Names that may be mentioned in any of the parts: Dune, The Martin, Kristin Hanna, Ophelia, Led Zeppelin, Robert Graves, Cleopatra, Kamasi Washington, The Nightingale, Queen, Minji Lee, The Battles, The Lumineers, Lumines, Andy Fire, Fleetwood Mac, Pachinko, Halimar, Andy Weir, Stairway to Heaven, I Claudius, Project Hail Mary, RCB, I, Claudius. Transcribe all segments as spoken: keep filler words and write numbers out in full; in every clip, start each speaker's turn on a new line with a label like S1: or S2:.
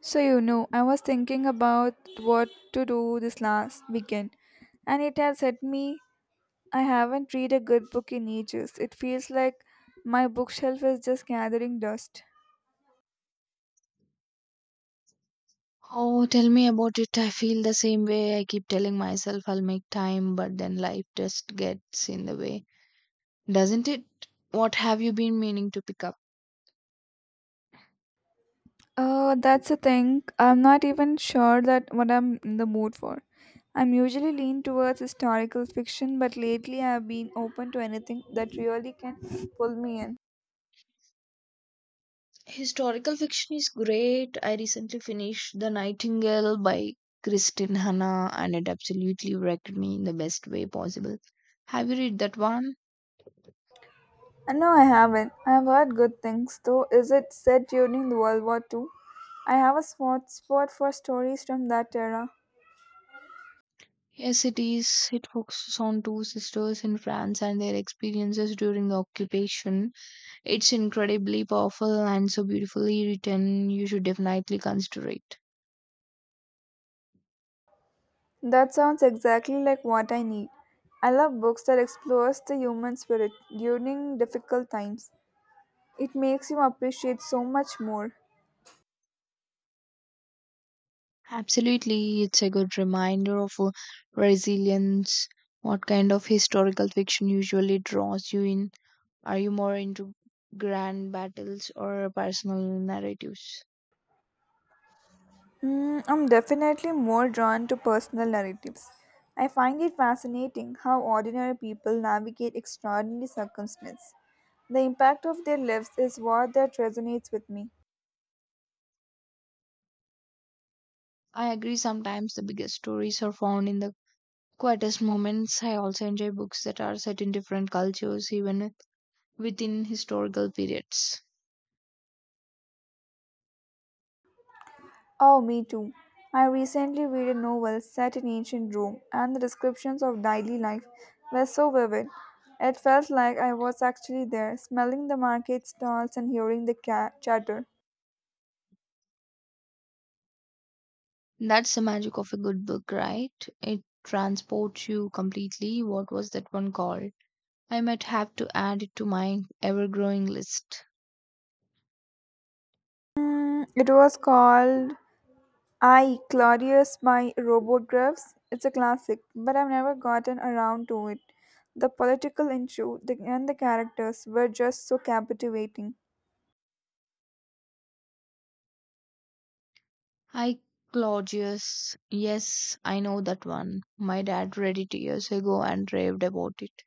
S1: So, you know, I was thinking about what to do this last weekend, and it has hit me I haven't read a good book in ages. It feels like my bookshelf is just gathering dust.
S2: Oh, tell me about it. I feel the same way. I keep telling myself I'll make time, but then life just gets in the way, doesn't it? What have you been meaning to pick up?
S1: Uh, that's the thing. I'm not even sure that what I'm in the mood for. I'm usually lean towards historical fiction, but lately I've been open to anything that really can pull me in.
S2: Historical fiction is great. I recently finished The Nightingale by Kristin Hanna and it absolutely wrecked me in the best way possible. Have you read that one?
S1: Uh, No, I haven't. I have heard good things, though. Is it set during the World War Two? I have a spot spot for stories from that era.
S2: Yes, it is. It focuses on two sisters in France and their experiences during the occupation. It's incredibly powerful and so beautifully written. You should definitely consider it.
S1: That sounds exactly like what I need. I love books that explores the human spirit during difficult times. It makes you appreciate so much more.
S2: Absolutely, it's a good reminder of uh, resilience. What kind of historical fiction usually draws you in? Are you more into grand battles or personal narratives?
S1: Mm, I'm definitely more drawn to personal narratives. I find it fascinating how ordinary people navigate extraordinary circumstances. The impact of their lives is what that resonates with me.
S2: I agree, sometimes the biggest stories are found in the quietest moments. I also enjoy books that are set in different cultures, even within historical periods.
S1: Oh, me too. I recently read a novel set in ancient Rome, and the descriptions of daily life were so vivid. It felt like I was actually there, smelling the market stalls and hearing the ca- chatter.
S2: That's the magic of a good book, right? It transports you completely. What was that one called? I might have to add it to my ever growing list.
S1: Mm, It was called I, Claudius by Robert Graves. It's a classic, but I've never gotten around to it. The political issue the- and the characters were just so captivating.
S2: I Claudius. Yes, I know that one. My dad read it years ago and raved about it.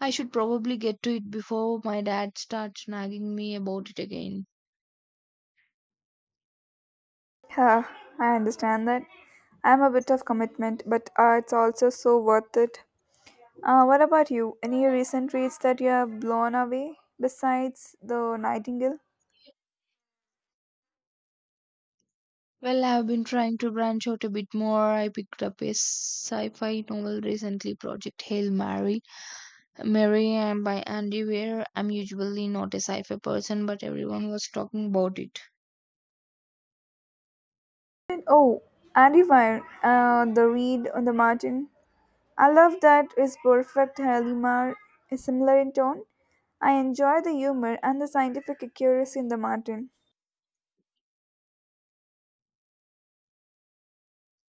S2: I should probably get to it before my dad starts nagging me about it again.
S1: Yeah, I understand that. I'm a bit of commitment, but uh, it's also so worth it. Uh, what about you? Any recent reads that you are blown away besides The Nightingale?
S2: Well, I've been trying to branch out a bit more. I picked up a sci-fi novel recently, Project Hail Mary, Mary and by Andy Weir. I'm usually not a sci-fi person, but everyone was talking about it.
S1: And- oh, Andy Fire, uh, the read on the Martin. I love that is perfect. Halimar is similar in tone. I enjoy the humor and the scientific accuracy in the Martin.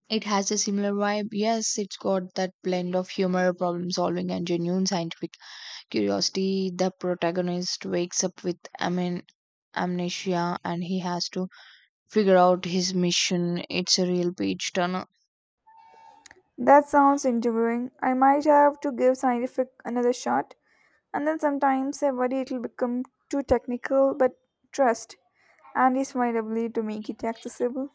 S2: It has a similar vibe. Yes, it's got that blend of humor, problem solving, and genuine scientific curiosity. The protagonist wakes up with amen amnesia and he has to figure out his mission. It's a real page turner.
S1: That sounds interviewing. I might have to give scientific another shot. And then sometimes I worry it'll become too technical, but trust, and is my ability to make it accessible.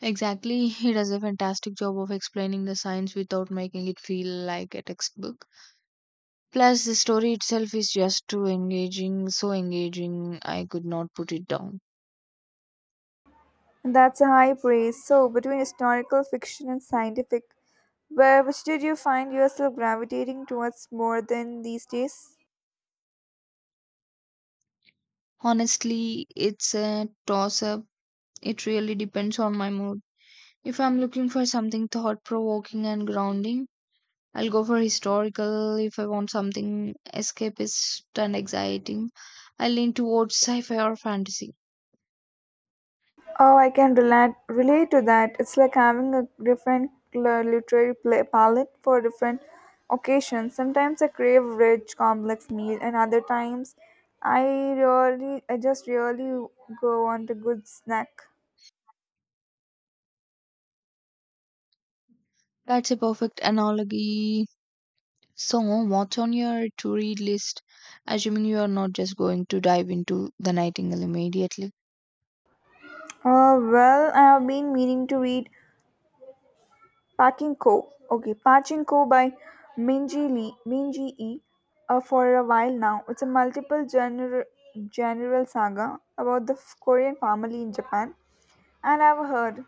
S2: Exactly, he does a fantastic job of explaining the science without making it feel like a textbook. Plus, the story itself is just too engaging, so engaging, I could not put it down.
S1: And that's a high praise. So, between historical fiction and scientific, where which did you find yourself gravitating towards more than these days?
S2: Honestly, it's a toss up. It really depends on my mood. If I'm looking for something thought provoking and grounding, I'll go for historical. If I want something escapist and exciting, I lean towards sci fi or fantasy.
S1: Oh, I can relate relate to that. It's like having a different l- literary pla- palette for different occasions. Sometimes I crave a rich, complex meal, and other times I really, I just really go on to good snack.
S2: That's a perfect analogy. So, what's on your to read list? Assuming you are not just going to dive into The Nightingale immediately.
S1: Uh, well, I have been meaning to read Pachinko. Okay, Pachinko by Minji Lee, Minji E. Uh, for a while now, it's a multiple general general saga about the f- Korean family in Japan. And I've heard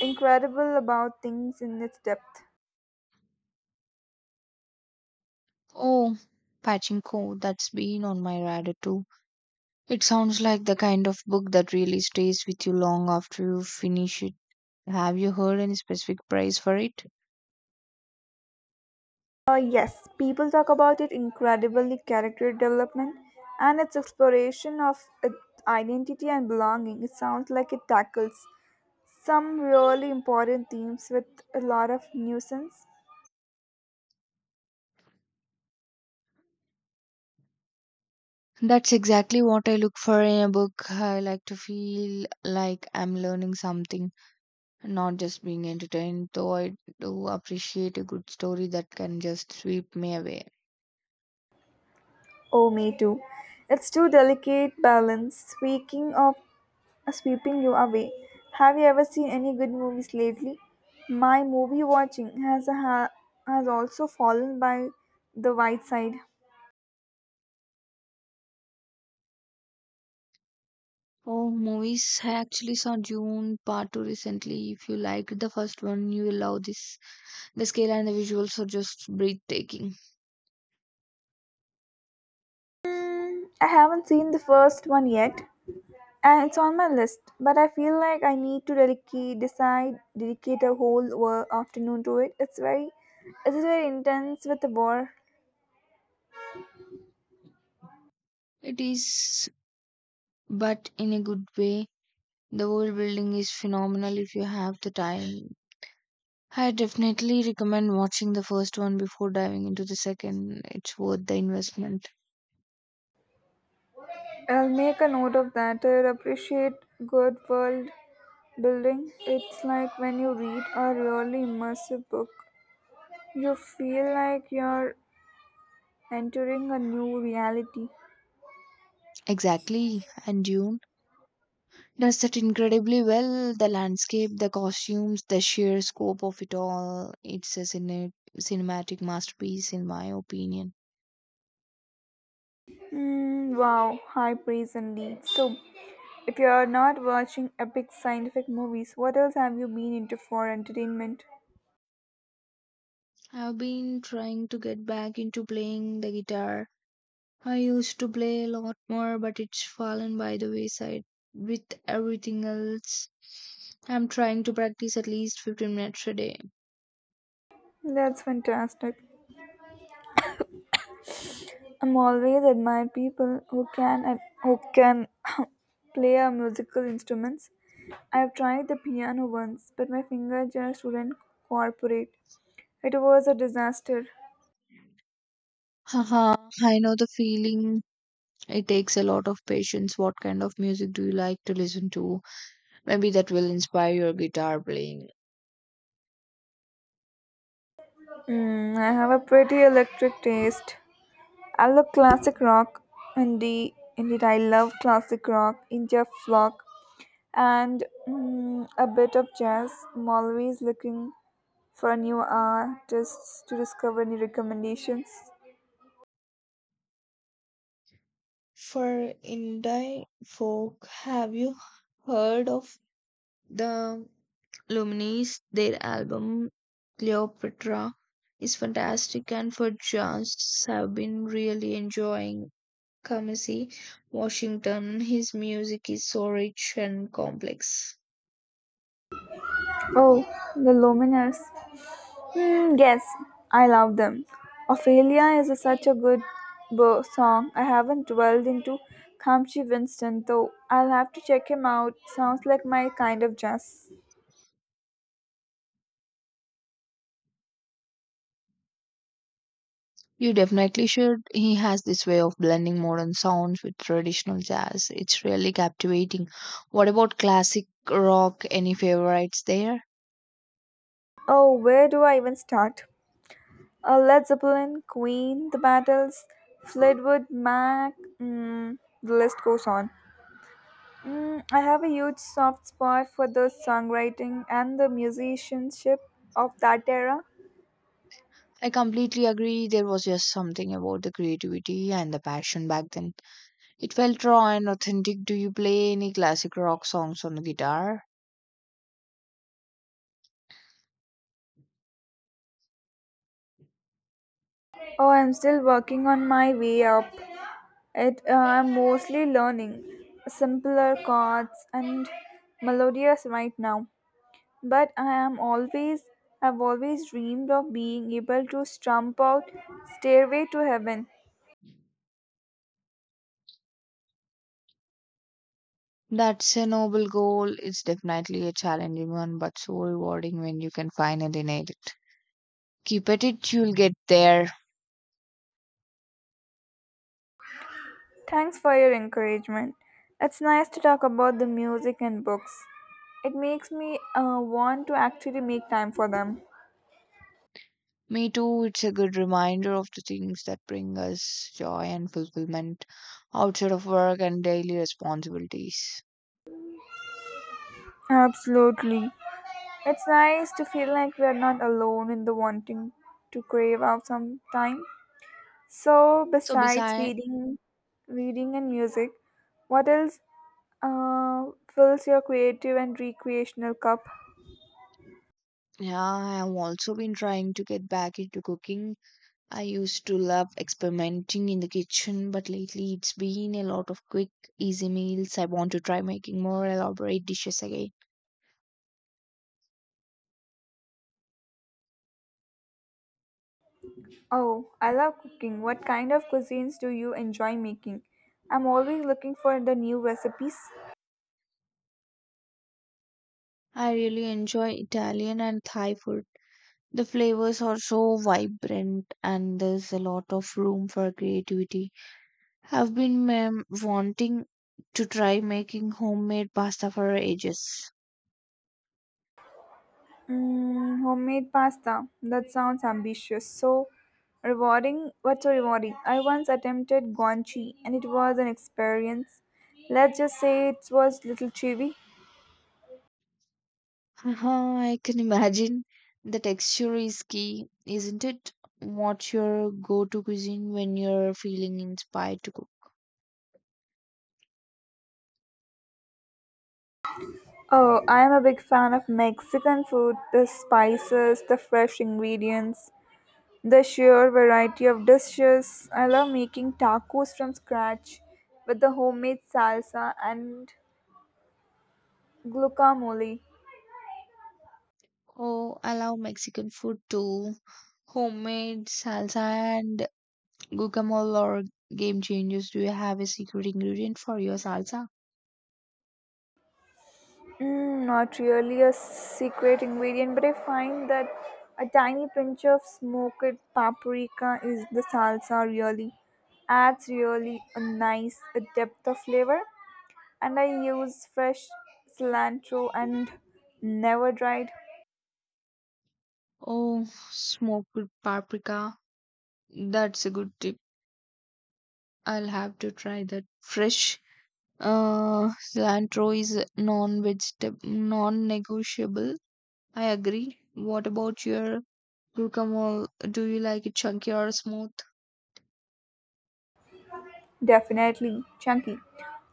S1: incredible about things in its depth.
S2: Oh, Pachinko, that's been on my radar too. It sounds like the kind of book that really stays with you long after you finish it. Have you heard any specific price for it?
S1: Uh, yes, people talk about it incredibly character development and its exploration of its identity and belonging. It sounds like it tackles some really important themes with a lot of nuisance.
S2: That's exactly what I look for in a book. I like to feel like I'm learning something, not just being entertained, though I do appreciate a good story that can just sweep me away.
S1: Oh, me too. It's too delicate balance. Speaking of sweeping you away. Have you ever seen any good movies lately? My movie watching has a ha- has also fallen by the white side.
S2: Oh, movies. I actually saw June Part two recently. If you liked the first one, you will love this. The scale and the visuals are just breathtaking.
S1: I haven't seen the first one yet, and it's on my list. But I feel like I need to dedicate decide dedicate a whole wo- afternoon to it. It's very it is very intense with the war.
S2: It is, but in a good way. The world building is phenomenal if you have the time. I definitely recommend watching the first one before diving into the second. It's worth the investment.
S1: I'll make a note of that. I appreciate good world building. It's like when you read a really immersive book. You feel like you're entering a new reality.
S2: Exactly. And Dune does that incredibly well, the landscape, the costumes, the sheer scope of it all. It's a cine- cinematic masterpiece in my opinion.
S1: Mm, wow, high praise indeed. So, if you're not watching epic scientific movies, what else have you been into for entertainment?
S2: I've been trying to get back into playing the guitar. I used to play a lot more, but it's fallen by the wayside with everything else. I'm trying to practice at least fifteen minutes a day.
S1: That's fantastic. I'm always admire people who can and who can play a musical instruments. I've tried the piano once, but my finger just wouldn't cooperate. It was a disaster.
S2: Haha, I know the feeling. It takes a lot of patience. What kind of music do you like to listen to? Maybe that will inspire your guitar playing.
S1: Mm, I have a pretty electric taste. I love classic rock, indie, indeed I love classic rock, India folk, and mm, a bit of jazz. I'm always looking for new artists to discover. Any recommendations?
S2: For indie folk, have you heard of the Lumines? Their album Cleopatra is fantastic, and for jazz, have been really enjoying Kamasi Washington. His music is so rich and complex.
S1: Oh, the Lumineers. Hmm, yes, I love them. Ophelia is a- such a good bo- song. I haven't dwelled into Kamshi Winston though. I'll have to check him out. Sounds like my kind of jazz.
S2: You definitely should. He has this way of blending modern sounds with traditional jazz. It's really captivating. What about classic rock? Any favorites there?
S1: Oh, where do I even start? Uh, Led Zeppelin, Queen, The Battles, Fleetwood Mac, mm, the list goes on. Mm, I have a huge soft spot for the songwriting and the musicianship of that era.
S2: I completely agree. There was just something about the creativity and the passion back then. It felt raw and authentic. Do you play any classic rock songs on the guitar?
S1: Oh, I'm still working on my way up. It uh, I'm mostly learning simpler chords and melodious right now. But I am always I've always dreamed of being able to strum out Stairway to Heaven.
S2: That's a noble goal. It's definitely a challenging one, but so rewarding when you can finally nail it. Keep at it, you'll get there.
S1: Thanks for your encouragement. It's nice to talk about the music and books. It makes me uh, want to actually make time for them.
S2: Me too, it's a good reminder of the things that bring us joy and fulfillment outside of work and daily responsibilities.
S1: Absolutely. It's nice to feel like we are not alone in the wanting to crave out some time. So,
S2: So,
S1: besides
S2: besides,
S1: reading, reading and music, what else uh, fills your creative and recreational cup?
S2: yeah, I have also been trying to get back into cooking. I used to love experimenting in the kitchen, but lately it's been a lot of quick, easy meals. I want to try making more elaborate dishes again.
S1: Oh, I love cooking. What kind of cuisines do you enjoy making? I'm always looking for the new recipes.
S2: I really enjoy Italian and Thai food. The flavors are so vibrant, and there's a lot of room for creativity. Have been ma'am, wanting to try making homemade pasta for ages.
S1: Mm, homemade pasta. That sounds ambitious. So rewarding. What's so rewarding? I once attempted gonchi and it was an experience. Let's just say it was little chewy.
S2: Haha, I can imagine. The texture is key, isn't it? What's your go-to cuisine when you're feeling inspired to cook?
S1: Oh, I am a big fan of Mexican food, the spices, the fresh ingredients. The sheer variety of dishes. I love making tacos from scratch with the homemade salsa and guacamole.
S2: Oh, I love Mexican food too. Homemade salsa and guacamole or game changers. Do you have a secret ingredient for your salsa?
S1: Mm, not really a secret ingredient, but I find that a tiny pinch of smoked paprika is the salsa really adds really a nice depth of flavor. And I use fresh cilantro and never dried.
S2: Oh, smoked paprika. That's a good tip. I'll have to try that fresh. Uh, cilantro is non-vegetable, non-negotiable. I agree. What about your guacamole? Do you like it chunky or smooth?
S1: Definitely chunky.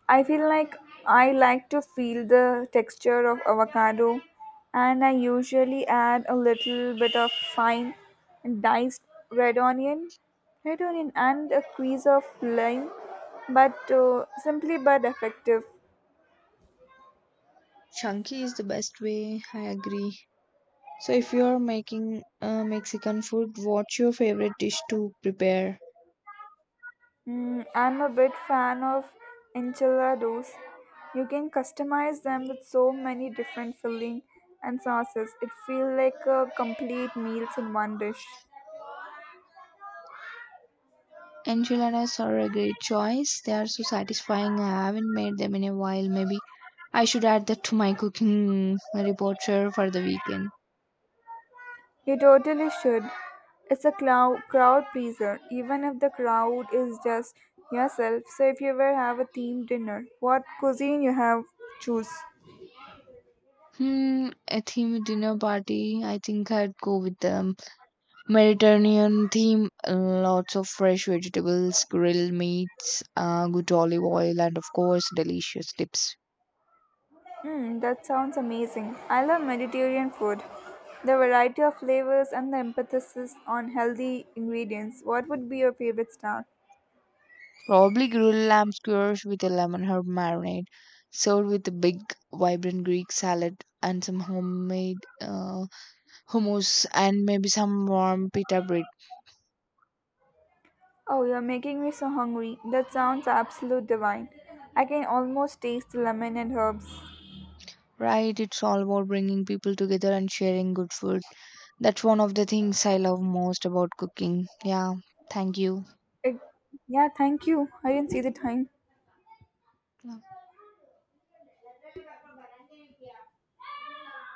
S1: I feel like I like to feel the texture of avocado and I usually add a little bit of fine diced red onion, red onion and a squeeze of lime but uh, simply but effective.
S2: Chunky is the best way. I agree. So, if you are making uh, Mexican food, what's your favorite dish to prepare?
S1: Mm, I'm a bit fan of enchiladas. You can customize them with so many different filling and sauces. It feels like a complete meals in one dish.
S2: Enchiladas are a great choice. They are so satisfying. I haven't made them in a while. Maybe I should add that to my cooking repertoire for the weekend.
S1: You totally should. It's a clou- crowd pleaser, even if the crowd is just yourself. So if you ever have a themed dinner, what cuisine you have choose?
S2: Hmm, a themed dinner party. I think I'd go with the Mediterranean theme. Lots of fresh vegetables, grilled meats, uh, good olive oil, and of course, delicious dips.
S1: Hmm, that sounds amazing. I love Mediterranean food. The variety of flavors and the emphasis on healthy ingredients. What would be your favorite star?
S2: Probably grilled lamb skewers with a lemon herb marinade, served with a big, vibrant Greek salad and some homemade uh, hummus, and maybe some warm pita bread.
S1: Oh, you're making me so hungry. That sounds absolute divine. I can almost taste the lemon and herbs.
S2: Right? It's all about bringing people together and sharing good food. That's one of the things I love most about cooking. Yeah, thank you.
S1: It, yeah, thank you. I didn't see the time.